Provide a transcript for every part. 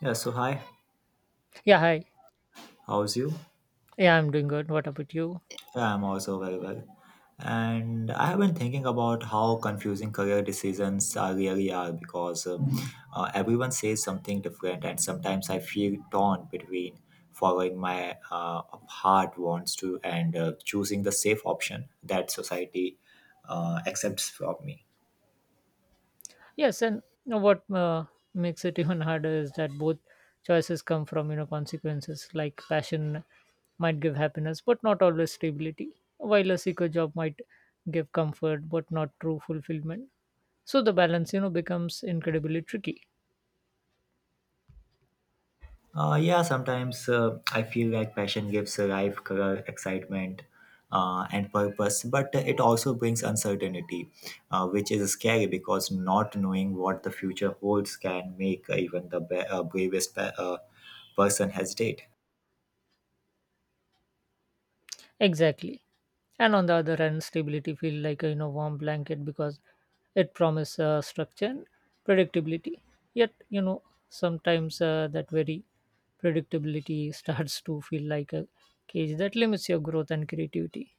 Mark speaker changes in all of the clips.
Speaker 1: Yeah, so hi,
Speaker 2: Yeah, hi.
Speaker 1: how's you?
Speaker 2: Yeah, I'm doing good. What about you?
Speaker 1: Yeah, I'm also very well. And I have been thinking about how confusing career decisions are really are because everyone says something different, and sometimes I feel torn between following my heart wants to and choosing the safe option that society accepts from me.
Speaker 2: Yes, and you know what makes it even harder is that both choices come from consequences. Like passion might give happiness, but not always stability. While a secure job might give comfort, but not true fulfillment. So the balance, you know, becomes incredibly tricky.
Speaker 1: Yeah, sometimes I feel like passion gives life color, excitement, and purpose, but it also brings uncertainty, which is scary because not knowing what the future holds can make even the bravest person hesitate.
Speaker 2: Exactly. And on the other hand, stability feels like a warm blanket because it promises structure and predictability. Yet you know sometimes that very predictability starts to feel like a cage that limits your growth and creativity.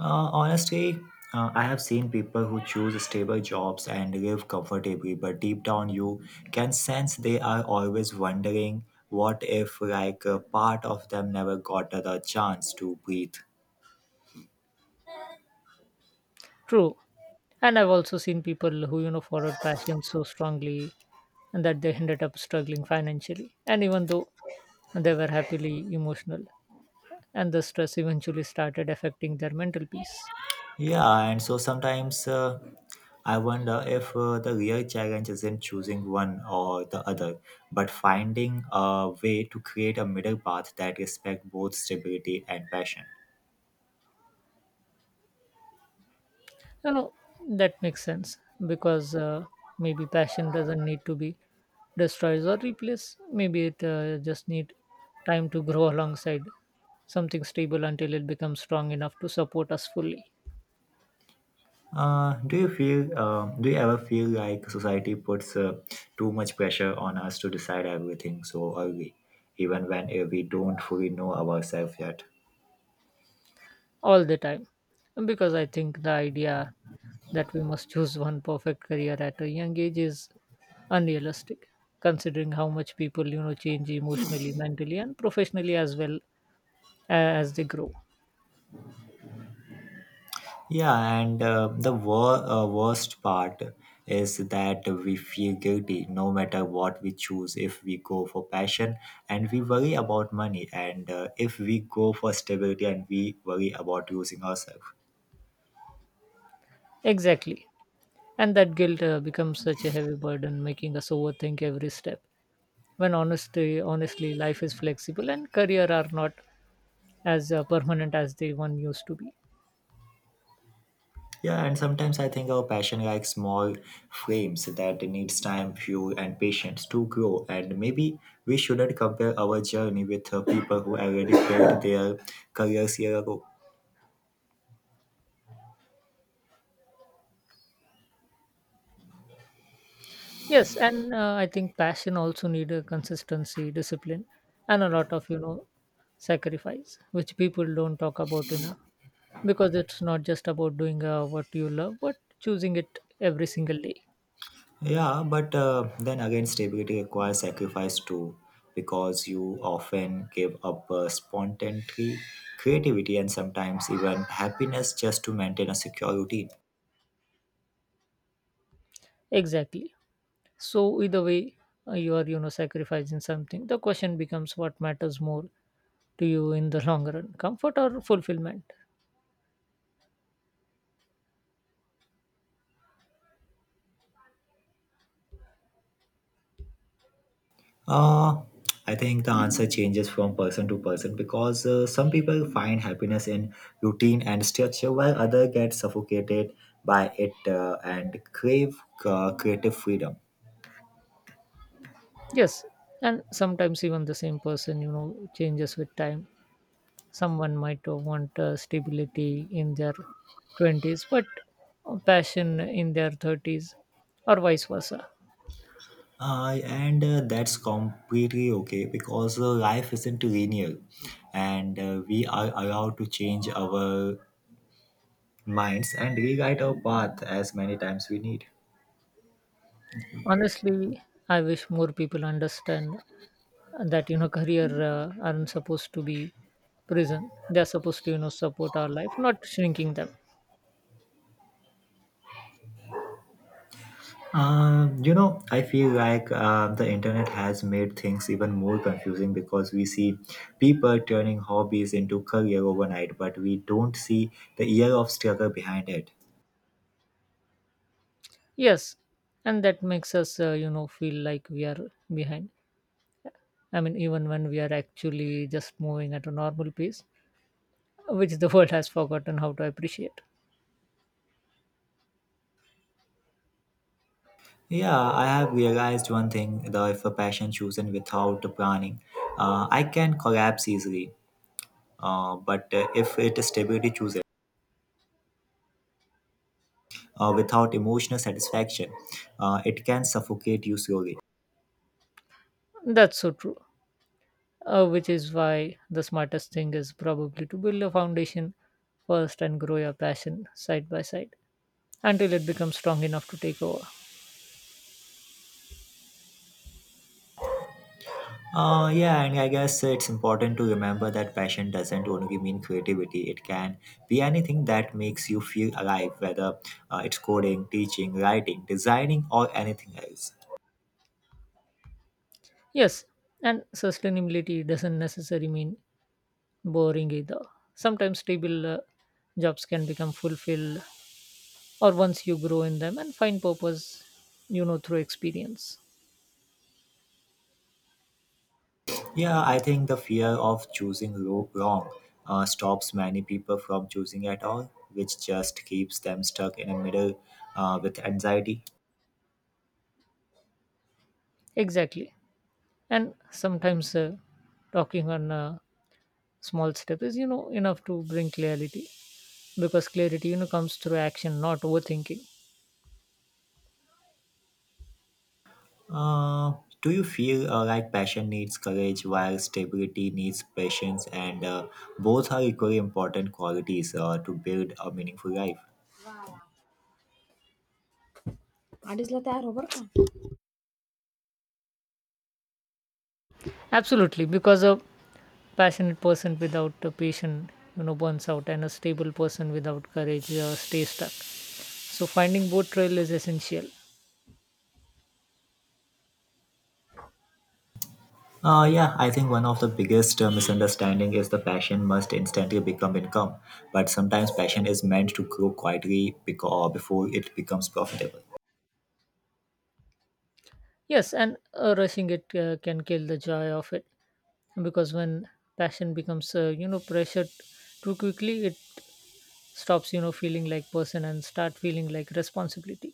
Speaker 1: Honestly, I have seen people who choose stable jobs and live comfortably, but deep down you can sense they are always wondering what if, like, a part of them never got the chance to breathe.
Speaker 2: True. And I've also seen people who followed passion so strongly and that they ended up struggling financially. And even though they were happily emotional, and the stress eventually started affecting their mental peace.
Speaker 1: Yeah, and so sometimes I wonder if the real challenge isn't choosing one or the other, but finding a way to create a middle path that respects both stability and passion.
Speaker 2: You know, that makes sense because maybe passion doesn't need to be destroyed or replaced. Maybe it just need time to grow alongside something stable until it becomes strong enough to support us fully.
Speaker 1: Do you ever feel like society puts too much pressure on us to decide everything so early, even when we don't fully know ourselves yet?
Speaker 2: All the time. And because I think the idea that we must choose one perfect career at a young age is unrealistic, considering how much people you know change emotionally, mentally, and professionally as well as they grow.
Speaker 1: Yeah, and the worst part is that we feel guilty no matter what we choose. If we go for passion and we worry about money, and if we go for stability and we worry about losing ourselves.
Speaker 2: Exactly. And that guilt becomes such a heavy burden, making us overthink every step. When honestly, life is flexible and career are not as permanent as they one used to be.
Speaker 1: Yeah, and sometimes I think our passion like small frames that needs time, fuel, and patience to grow. And maybe we shouldn't compare our journey with people who already built their careers year ago.
Speaker 2: Yes, and I think passion also need a consistency, discipline, and a lot of sacrifice, which people don't talk about enough, because it's not just about doing what you love, but choosing it every single day.
Speaker 1: Yeah, but then again, stability requires sacrifice too, because you often give up spontaneity, creativity, and sometimes even happiness just to maintain a secure routine.
Speaker 2: Exactly. So either way, you are sacrificing something. The question becomes what matters more to you in the long run, comfort or fulfillment?
Speaker 1: Uh, I think the answer changes from person to person because some people find happiness in routine and structure, while others get suffocated by it and crave creative freedom.
Speaker 2: Yes, and sometimes even the same person changes with time. Someone might want stability in their twenties, but passion in their thirties, or vice versa.
Speaker 1: And that's completely okay because life isn't linear and we are allowed to change our minds and rewrite our path as many times we need.
Speaker 2: Honestly, I wish more people understand that career aren't supposed to be prison. They're supposed to support our life, not shrinking them.
Speaker 1: You know, I feel like the internet has made things even more confusing because we see people turning hobbies into career overnight, but we don't see the year of struggle behind it.
Speaker 2: Yes, and that makes us feel like we are behind. I mean, even when we are actually just moving at a normal pace, which the world has forgotten how to appreciate.
Speaker 1: Yeah, I have realized one thing that if a passion chosen without planning, I can collapse easily. But if it is stability chosen without emotional satisfaction, it can suffocate you slowly.
Speaker 2: That's so true. Which is why the smartest thing is probably to build a foundation first and grow your passion side by side until it becomes strong enough to take over.
Speaker 1: Yeah, and I guess it's important to remember that passion doesn't only mean creativity. It can be anything that makes you feel alive, whether it's coding, teaching, writing, designing, or anything else.
Speaker 2: Yes, and sustainability doesn't necessarily mean boring either. Sometimes stable jobs can become fulfilled, or once you grow in them and find purpose, you know, through experience.
Speaker 1: Yeah, I think the fear of choosing wrong stops many people from choosing at all, which just keeps them stuck in the middle with anxiety.
Speaker 2: Exactly. And sometimes talking on a small step is, you know, enough to bring clarity, because clarity, you know, comes through action, not overthinking.
Speaker 1: Uh, do you feel like passion needs courage while stability needs patience, and both are equally important qualities to build a meaningful life?
Speaker 2: आधीच ला तयार हो बरं. Absolutely, because passionate person without a passion burns out, and a stable person without courage stays stuck, so finding both trail is essential.
Speaker 1: Yeah, I think one of the biggest misunderstanding is the passion must instantly become income, but sometimes passion is meant to grow quietly because, before it becomes profitable.
Speaker 2: Yes, and rushing it can kill the joy of it, because when passion becomes pressured too quickly it stops feeling like person and start feeling like responsibility.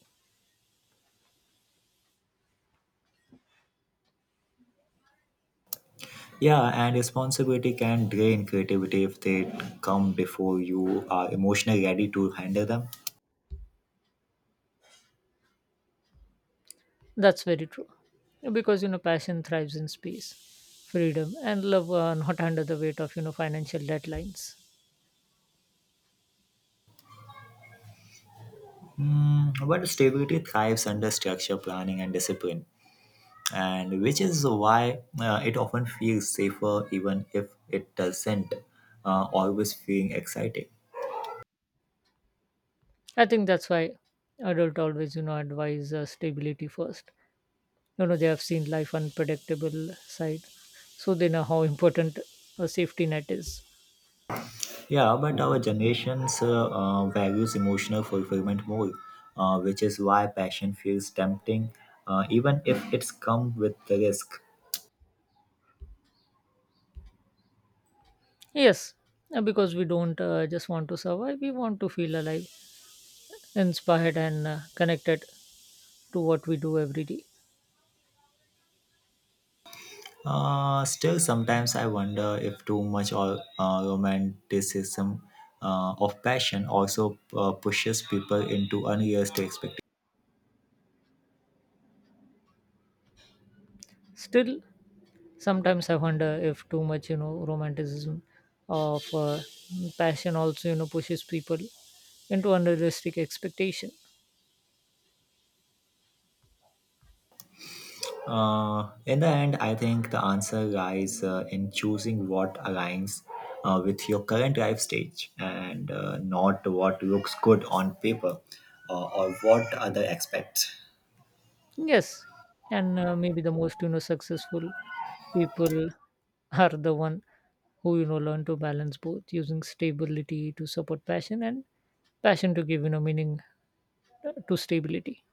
Speaker 1: Yeah, and responsibility can drain creativity if they come before you are emotionally ready to handle them.
Speaker 2: That's very true, because you know passion thrives in space, freedom, and love are not under the weight of financial deadlines.
Speaker 1: Hmm, but stability thrives under structure, planning, and discipline, and which is why it often feels safer even if it doesn't always feel exciting.
Speaker 2: I think that's why adult always, you know, advise stability first. You know, they have seen life unpredictable side, so they know how important a safety net is.
Speaker 1: Yeah, but our generation's values emotional fulfillment more, which is why passion feels tempting, even if it's come with the risk.
Speaker 2: Yes, because we don't just want to survive; we want to feel alive, inspired, and connected to what we do every day.
Speaker 1: Still, sometimes I wonder if too much or romanticism of passion also pushes people into unrealistic expectations.
Speaker 2: Still, sometimes I wonder if too much, you know, romanticism of passion also, you know, pushes people into unrealistic expectation.
Speaker 1: In the end, I think the answer lies in choosing what aligns with your current life stage and not what looks good on paper or what other expect.
Speaker 2: Yes, and maybe the most successful people are the one who learn to balance both, using stability to support passion and passion to give meaning to stability.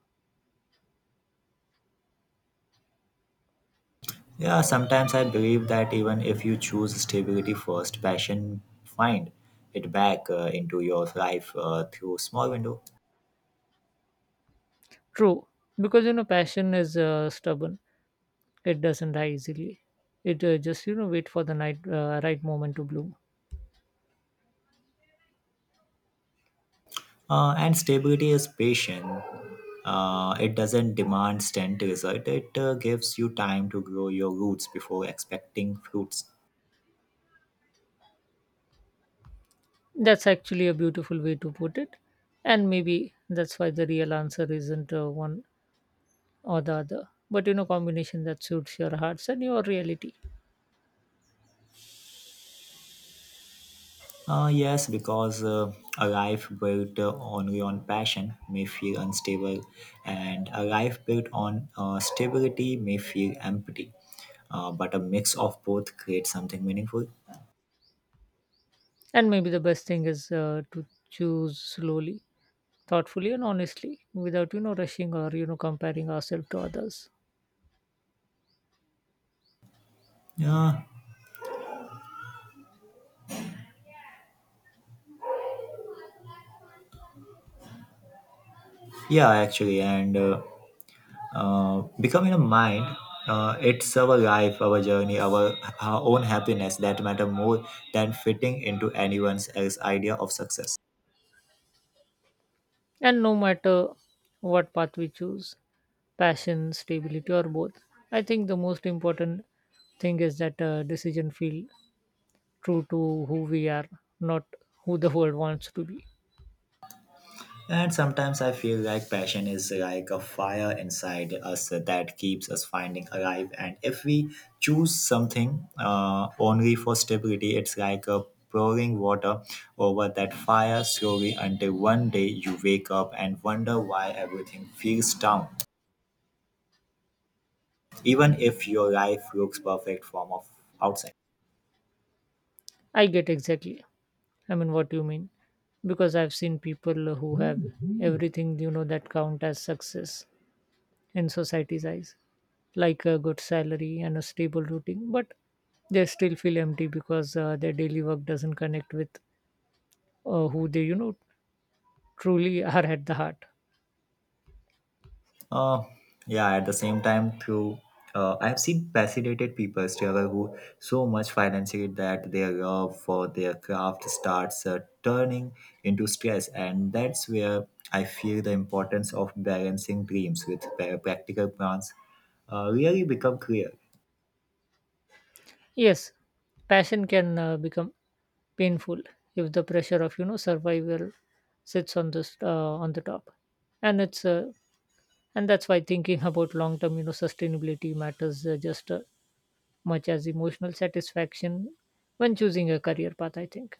Speaker 1: Yeah, sometimes I believe that even if you choose stability first, passion find it back into your life through small window.
Speaker 2: True, because passion is stubborn; it doesn't die easily. It just wait for the night right moment to bloom.
Speaker 1: And stability is patient. It doesn't demand instant result. It gives you time to grow your roots before expecting fruits.
Speaker 2: That's actually a beautiful way to put it, and maybe that's why the real answer isn't one or the other but combination that suits your hearts and your reality.
Speaker 1: Yes, because a life built only on passion may feel unstable, and a life built on stability may feel empty. But a mix of both creates something meaningful.
Speaker 2: And maybe the best thing is to choose slowly, thoughtfully, and honestly, without rushing or comparing ourselves to others.
Speaker 1: Yeah, yeah, actually, and becoming a mind, it's our life, our journey, our own happiness that matter more than fitting into anyone's else idea of success.
Speaker 2: And no matter what path we choose, passion, stability, or both, I think the most important thing is that decision feel true to who we are, not who the world wants to be.
Speaker 1: And sometimes I feel like passion is like a fire inside us that keeps us finding alive. And if we choose something only for stability, it's like a pouring water over that fire slowly until one day you wake up and wonder why everything feels down, even if your life looks perfect from of outside.
Speaker 2: I get exactly. I mean, what you mean? Because I've seen people who have everything you know that count as success in society's eyes, like a good salary and a stable routine, but they still feel empty, because their daily work doesn't connect with who they you know truly are at the heart.
Speaker 1: Uh, yeah, at the same time, through I've seen fascinated people struggle who so much financially that their love for their craft starts turning into stress, and that's where I feel the importance of balancing dreams with practical plans really become clear.
Speaker 2: Yes, passion can become painful if the pressure of survival sits on the top, and it's uh, and that's why thinking about long term sustainability matters just much as emotional satisfaction when choosing a career path, I think.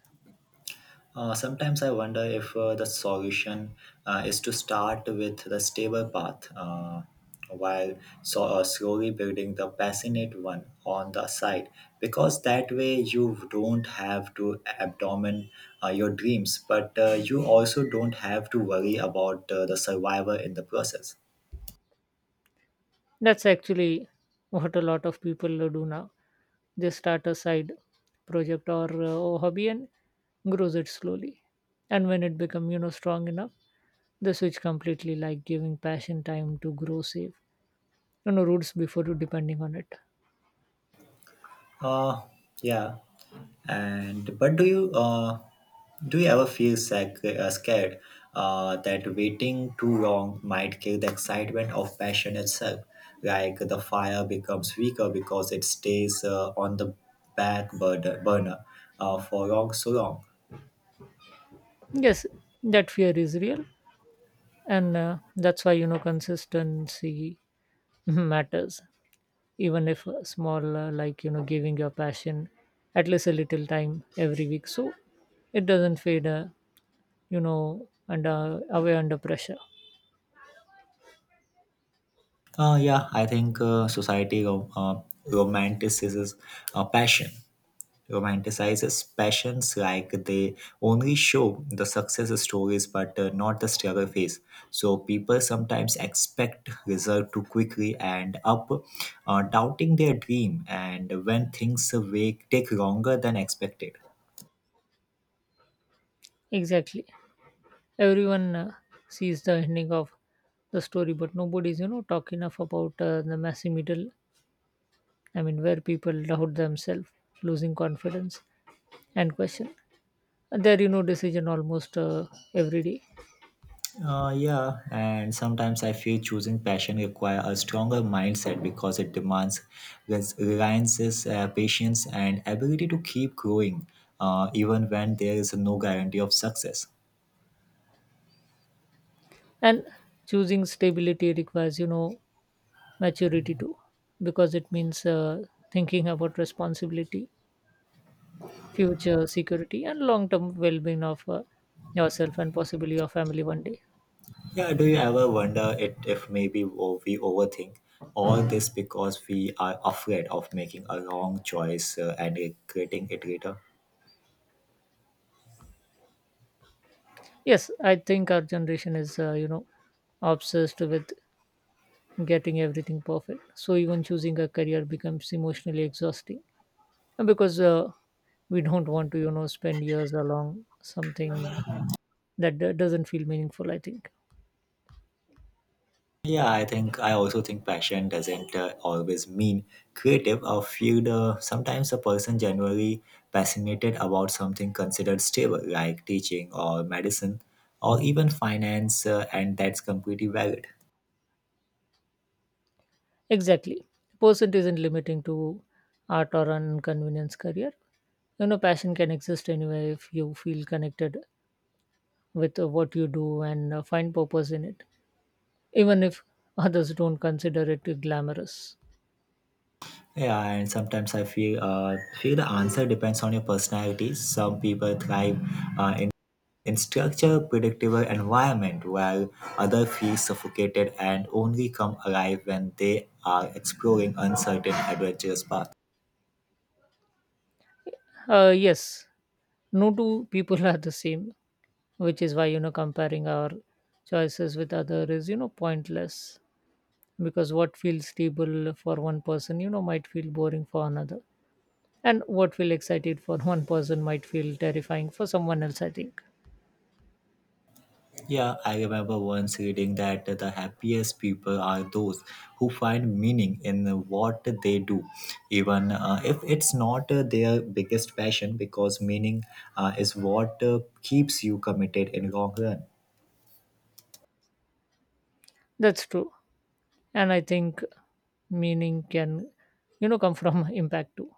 Speaker 1: Sometimes I wonder if the solution is to start with the stable path while slowly building the passionate one on the side, because that way you don't have to abandon your dreams, but you also don't have to worry about the survivor in the process.
Speaker 2: That's actually what a lot of people do now. They start a side project or hobby and grows it slowly. And when it becomes, you know, strong enough, they switch completely, like giving passion time to grow safe, you know, roots before depending on it.
Speaker 1: Uh, yeah. And but do you do you ever feel scared that waiting too long might kill the excitement of passion itself? Like the fire becomes weaker because it stays on the back burner for long so long.
Speaker 2: Yes, that fear is real. And that's why, you know, consistency matters. Even if small like giving your passion at least a little time every week so it doesn't fade and away under pressure.
Speaker 1: Yeah, I think society romanticizes passion, romanticizes passions like they only show the success stories but not the struggle phase so people sometimes expect result too quickly and up doubting their dream and when things take longer than expected.
Speaker 2: Exactly. Everyone sees the ending of the story, but nobody's talk enough about the messy middle. I mean, where people doubt themselves, losing confidence, and question there decision almost every day.
Speaker 1: Yeah, and sometimes I feel choosing passion require a stronger mindset because it demands reliances, patience, and ability to keep growing, even when there is no guarantee of success.
Speaker 2: And choosing stability requires maturity too, because it means thinking about responsibility, future security, and long term well being of yourself and possibly your family one day.
Speaker 1: Yeah, do you ever wonder it if maybe we overthink all this because we are afraid of making a wrong choice and regretting it later?
Speaker 2: Yes, I think our generation is obsessed with getting everything perfect, so even choosing a career becomes emotionally exhausting. And because we don't want to spend years along something that doesn't feel meaningful, I think.
Speaker 1: Yeah, I think I also think passion doesn't always mean creative. I feel the sometimes a person generally passionate about something considered stable, like teaching or medicine or even finance, and that's completely valid.
Speaker 2: Exactly. The person isn't limiting to art or an convenience career. You know, passion can exist anywhere if you feel connected with what you do and find purpose in it, even if others don't consider it glamorous.
Speaker 1: Yeah, and sometimes I feel the answer depends on your personality. Some people thrive uh, in in structured, predictable environment, while others feel suffocated and only come alive when they are exploring uncertain, adventurous paths.
Speaker 2: Yes, no two people are the same, which is why, you know, comparing our choices with others is, you know, pointless, because what feels stable for one person, you know, might feel boring for another. And what feel excited for one person might feel terrifying for someone else, I think.
Speaker 1: Yeah, I remember once reading that the happiest people are those who find meaning in what they do, even if it's not their biggest passion, because meaning is what keeps you committed in long run.
Speaker 2: That's true. And I think meaning can come from impact too,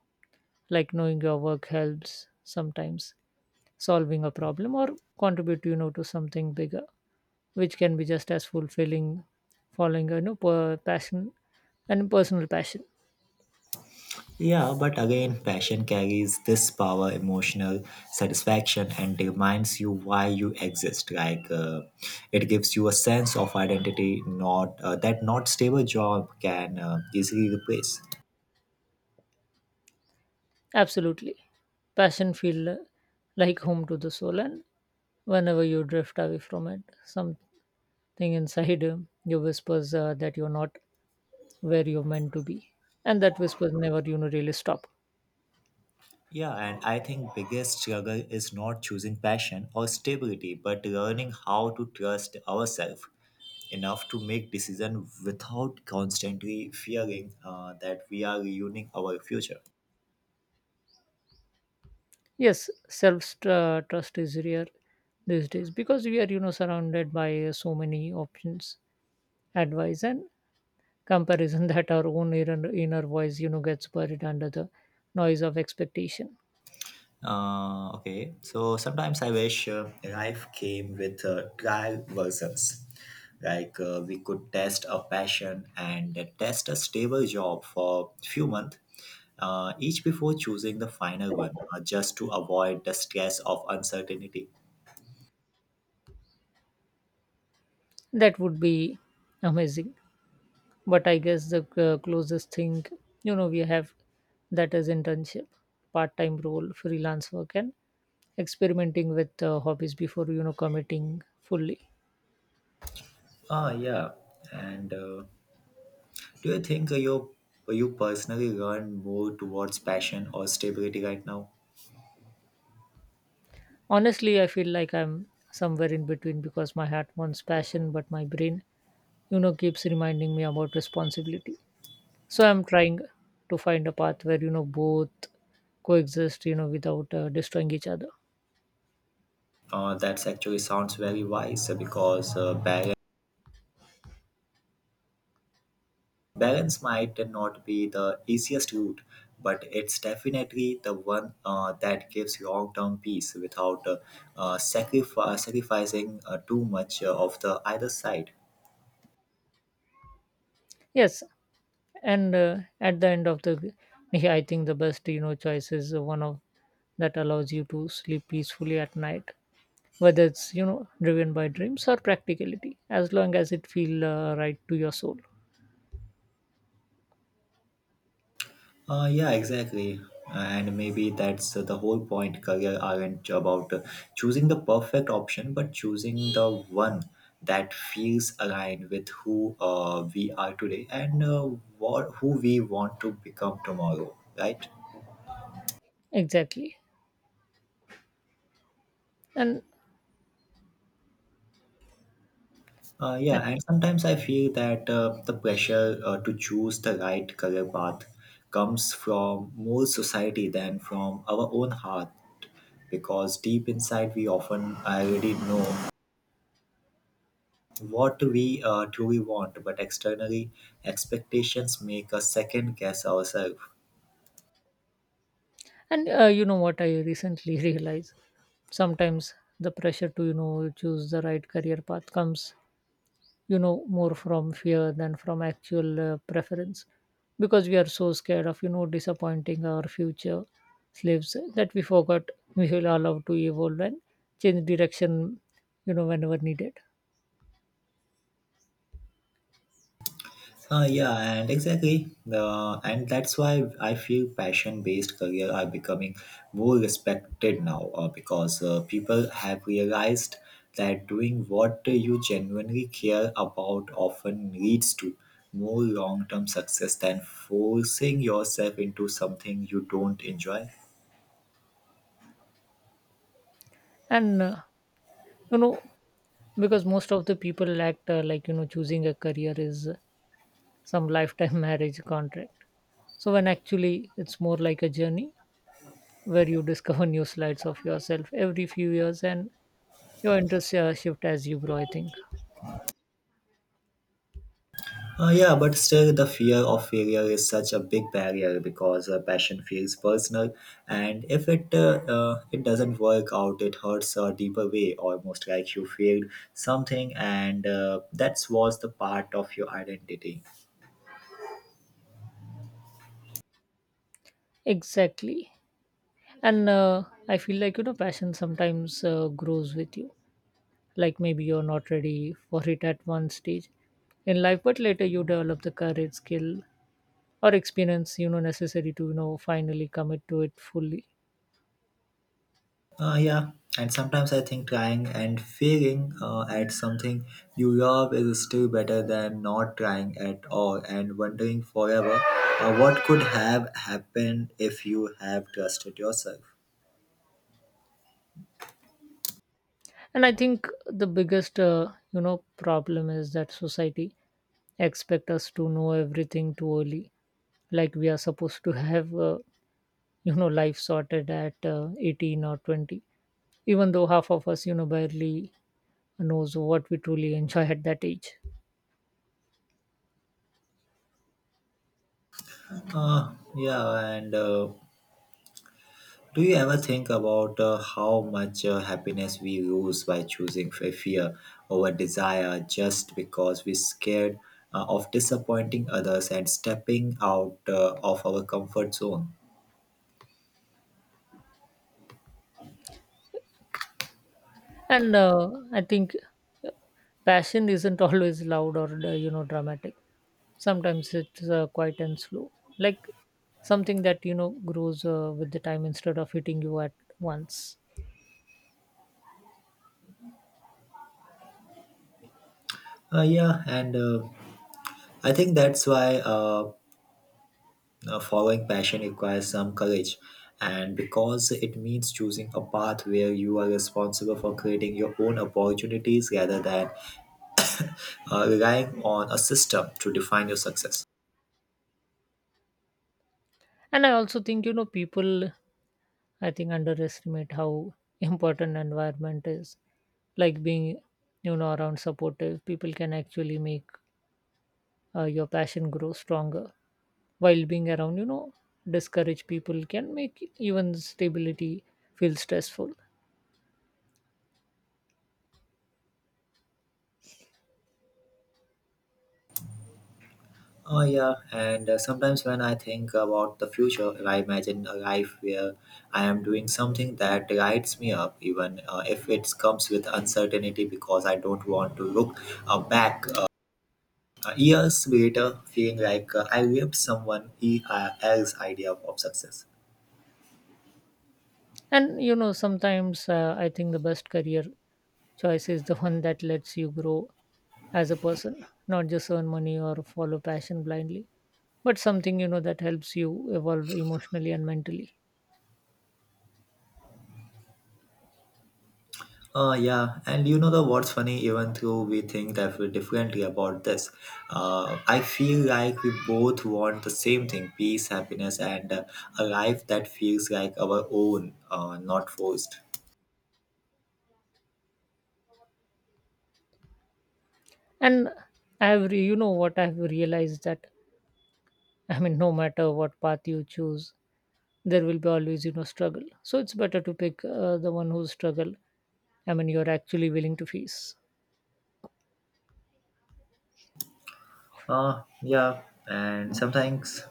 Speaker 2: like knowing your work helps sometimes solving a problem or contribute to something bigger, which can be just as fulfilling following a personal passion.
Speaker 1: Yeah, but again, passion carries this power, emotional satisfaction, and reminds you why you exist. Like it gives you a sense of identity, not that not stable job can easily replace.
Speaker 2: Absolutely. Passion feel like home to the soul, and whenever you drift away from it some thing inside you whispers that you're not where you're meant to be, and that whispers never really stop.
Speaker 1: Yeah, and I think biggest struggle is not choosing passion or stability, but learning how to trust ourselves enough to make decision without constantly fearing that we are ruining our future.
Speaker 2: Yes, self trust is rare these days, because we are surrounded by so many options, advice, and comparison, that our own inner voice gets buried under the noise of expectation.
Speaker 1: Okay, so sometimes I wish life came with trial versions. Like we could test a passion and test a stable job for few months, each before choosing the final one, just to avoid the stress of uncertainty.
Speaker 2: That would be amazing, but I guess the closest thing we have that is internship, part-time role, freelance work, and experimenting with hobbies before committing fully.
Speaker 1: Ah, yeah. And do you think you personally learn more towards passion or stability right now?
Speaker 2: Honestly, I feel like I'm somewhere in between, because my heart wants passion but my brain keeps reminding me about responsibility, so I'm trying to find a path where both coexist without destroying each other.
Speaker 1: That's actually sounds very wise because Balance might not be the easiest route, but it's definitely the one that gives long-term peace without sacrificing too much of the either side.
Speaker 2: Yes, and at the end of the day I think the best choice is one of that allows you to sleep peacefully at night, whether it's driven by dreams or practicality, as long as it feel right to your soul.
Speaker 1: Yeah, exactly. And maybe that's the whole point. Career aren't about choosing the perfect option, but choosing the one that feels aligned with who we are today and who we want to become tomorrow, right?
Speaker 2: Exactly. and
Speaker 1: Yeah, and sometimes I feel that the pressure to choose the right career path comes from more society than from our own heart, because deep inside we often already know what we truly want, but externally expectations make us second guess ourselves.
Speaker 2: and you know what I recently realized. Sometimes the pressure to choose the right career path comes more from fear than from actual preference, because we are so scared of disappointing our future slaves that we forgot we will allow to evolve and change direction whenever needed.
Speaker 1: Yeah, and exactly. And that's why I feel passion based career are becoming more respected now because people have realized that doing what you genuinely care about often leads to more long term success than forcing yourself into something you don't enjoy.
Speaker 2: And you know because most of the people act like choosing a career is some lifetime marriage contract, so when actually it's more like a journey where you discover new sides of yourself every few years, and your interests shift as you grow, I think.
Speaker 1: Yeah, but still, the fear of failure is such a big barrier because passion feels personal, and if it it doesn't work out, it hurts a deeper way, almost like you failed something, and that was the part of your identity.
Speaker 2: Exactly. And I feel like passion sometimes grows with you, like maybe you're not ready for it at one stage in life but later you develop the courage, skill, or experience necessary to finally commit to it fully.
Speaker 1: Uh, yeah, and sometimes I think trying and failing at something you love is still better than not trying at all and wondering forever what could have happened if you have trusted yourself.
Speaker 2: And I think the biggest you know problem is that society expect us to know everything too early, like we are supposed to have life sorted at 18 or 20, even though half of us barely knows what we truly enjoy at that age.
Speaker 1: Yeah, and do you ever think about how much happiness we lose by choosing fear over desire just because we're scared of disappointing others and stepping out of our comfort zone?
Speaker 2: And I think passion isn't always loud or dramatic. Sometimes it's quiet and slow, like something that grows with the time instead of hitting you at once.
Speaker 1: Yeah, and I think that's why following passion requires some courage, and because it means choosing a path where you are responsible for creating your own opportunities rather than relying on a system to define your success.
Speaker 2: And I also think, you know, people, I think, underestimate how important environment is. Like being, you know, around supportive people can actually make your passion grow stronger. While being around, you know, discouraged people can make even stability feel stressful.
Speaker 1: Oh, yeah. And sometimes when I think about the future, I imagine a life where I am doing something that lights me up, even if it comes with uncertainty, because I don't want to look back years later feeling like I lived someone else's idea of success.
Speaker 2: And you know, sometimes I think the best career choice is the one that lets you grow as a person, not just earn money or follow passion blindly, but something you know that helps you evolve emotionally and mentally.
Speaker 1: Yeah, and you know the what's funny, even though we think that we're differently about this, I feel like we both want the same thing peace, happiness, and a life that feels like our own, not forced.
Speaker 2: And I have, you know what I've realized that, I mean, no matter what path you choose, there will be always you know struggle. So it's better to pick the one whose struggle, I mean, you're actually willing to face.
Speaker 1: Yeah, and sometimes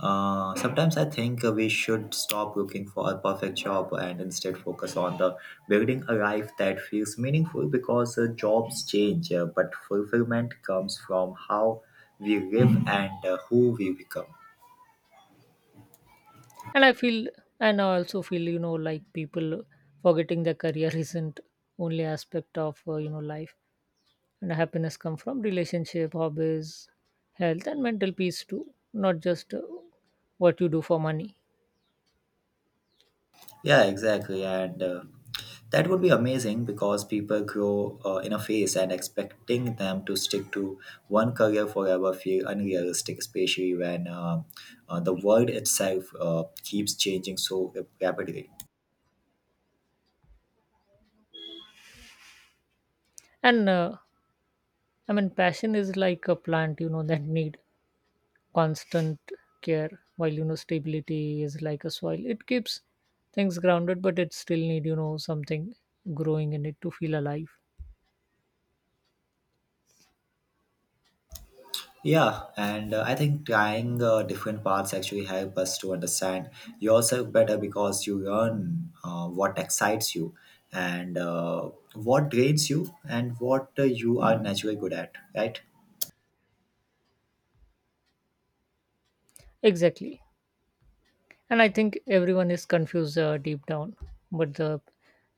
Speaker 1: Sometimes I think we should stop looking for a perfect job and instead focus on the building a life that feels meaningful because jobs change, but fulfillment comes from how we live and who we become.
Speaker 2: and i feel and I also feel like people forgetting their career isn't only aspect of life, and happiness come from relationship, hobbies, health, and mental peace too, not just what you do for money.
Speaker 1: Yeah, exactly. And that would be amazing because people grow in a phase and expecting them to stick to one career forever feel unrealistic especially when the world itself keeps changing so rapidly.
Speaker 2: And I mean passion is like a plant that need constant care, while stability is like a soil, it keeps things grounded but it still need something growing in it to feel alive.
Speaker 1: Yeah, and I think trying different paths actually help us to understand yourself better because you learn what excites you and what drains you and what you are naturally good at, right?
Speaker 2: Exactly. And I think everyone is confused deep down but the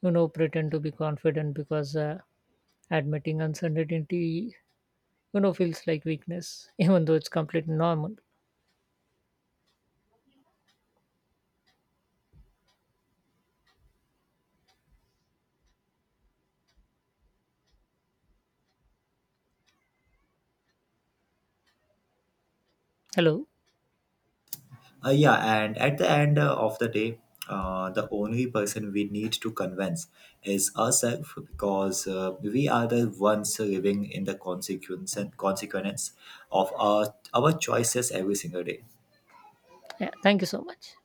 Speaker 2: pretend to be confident, because admitting uncertainty feels like weakness even though it's completely normal. Hello.
Speaker 1: Uh, yeah, and at the end of the day, the only person we need to convince is ourselves because we are the ones living in the consequence of our choices every single day.
Speaker 2: Yeah, thank you so much.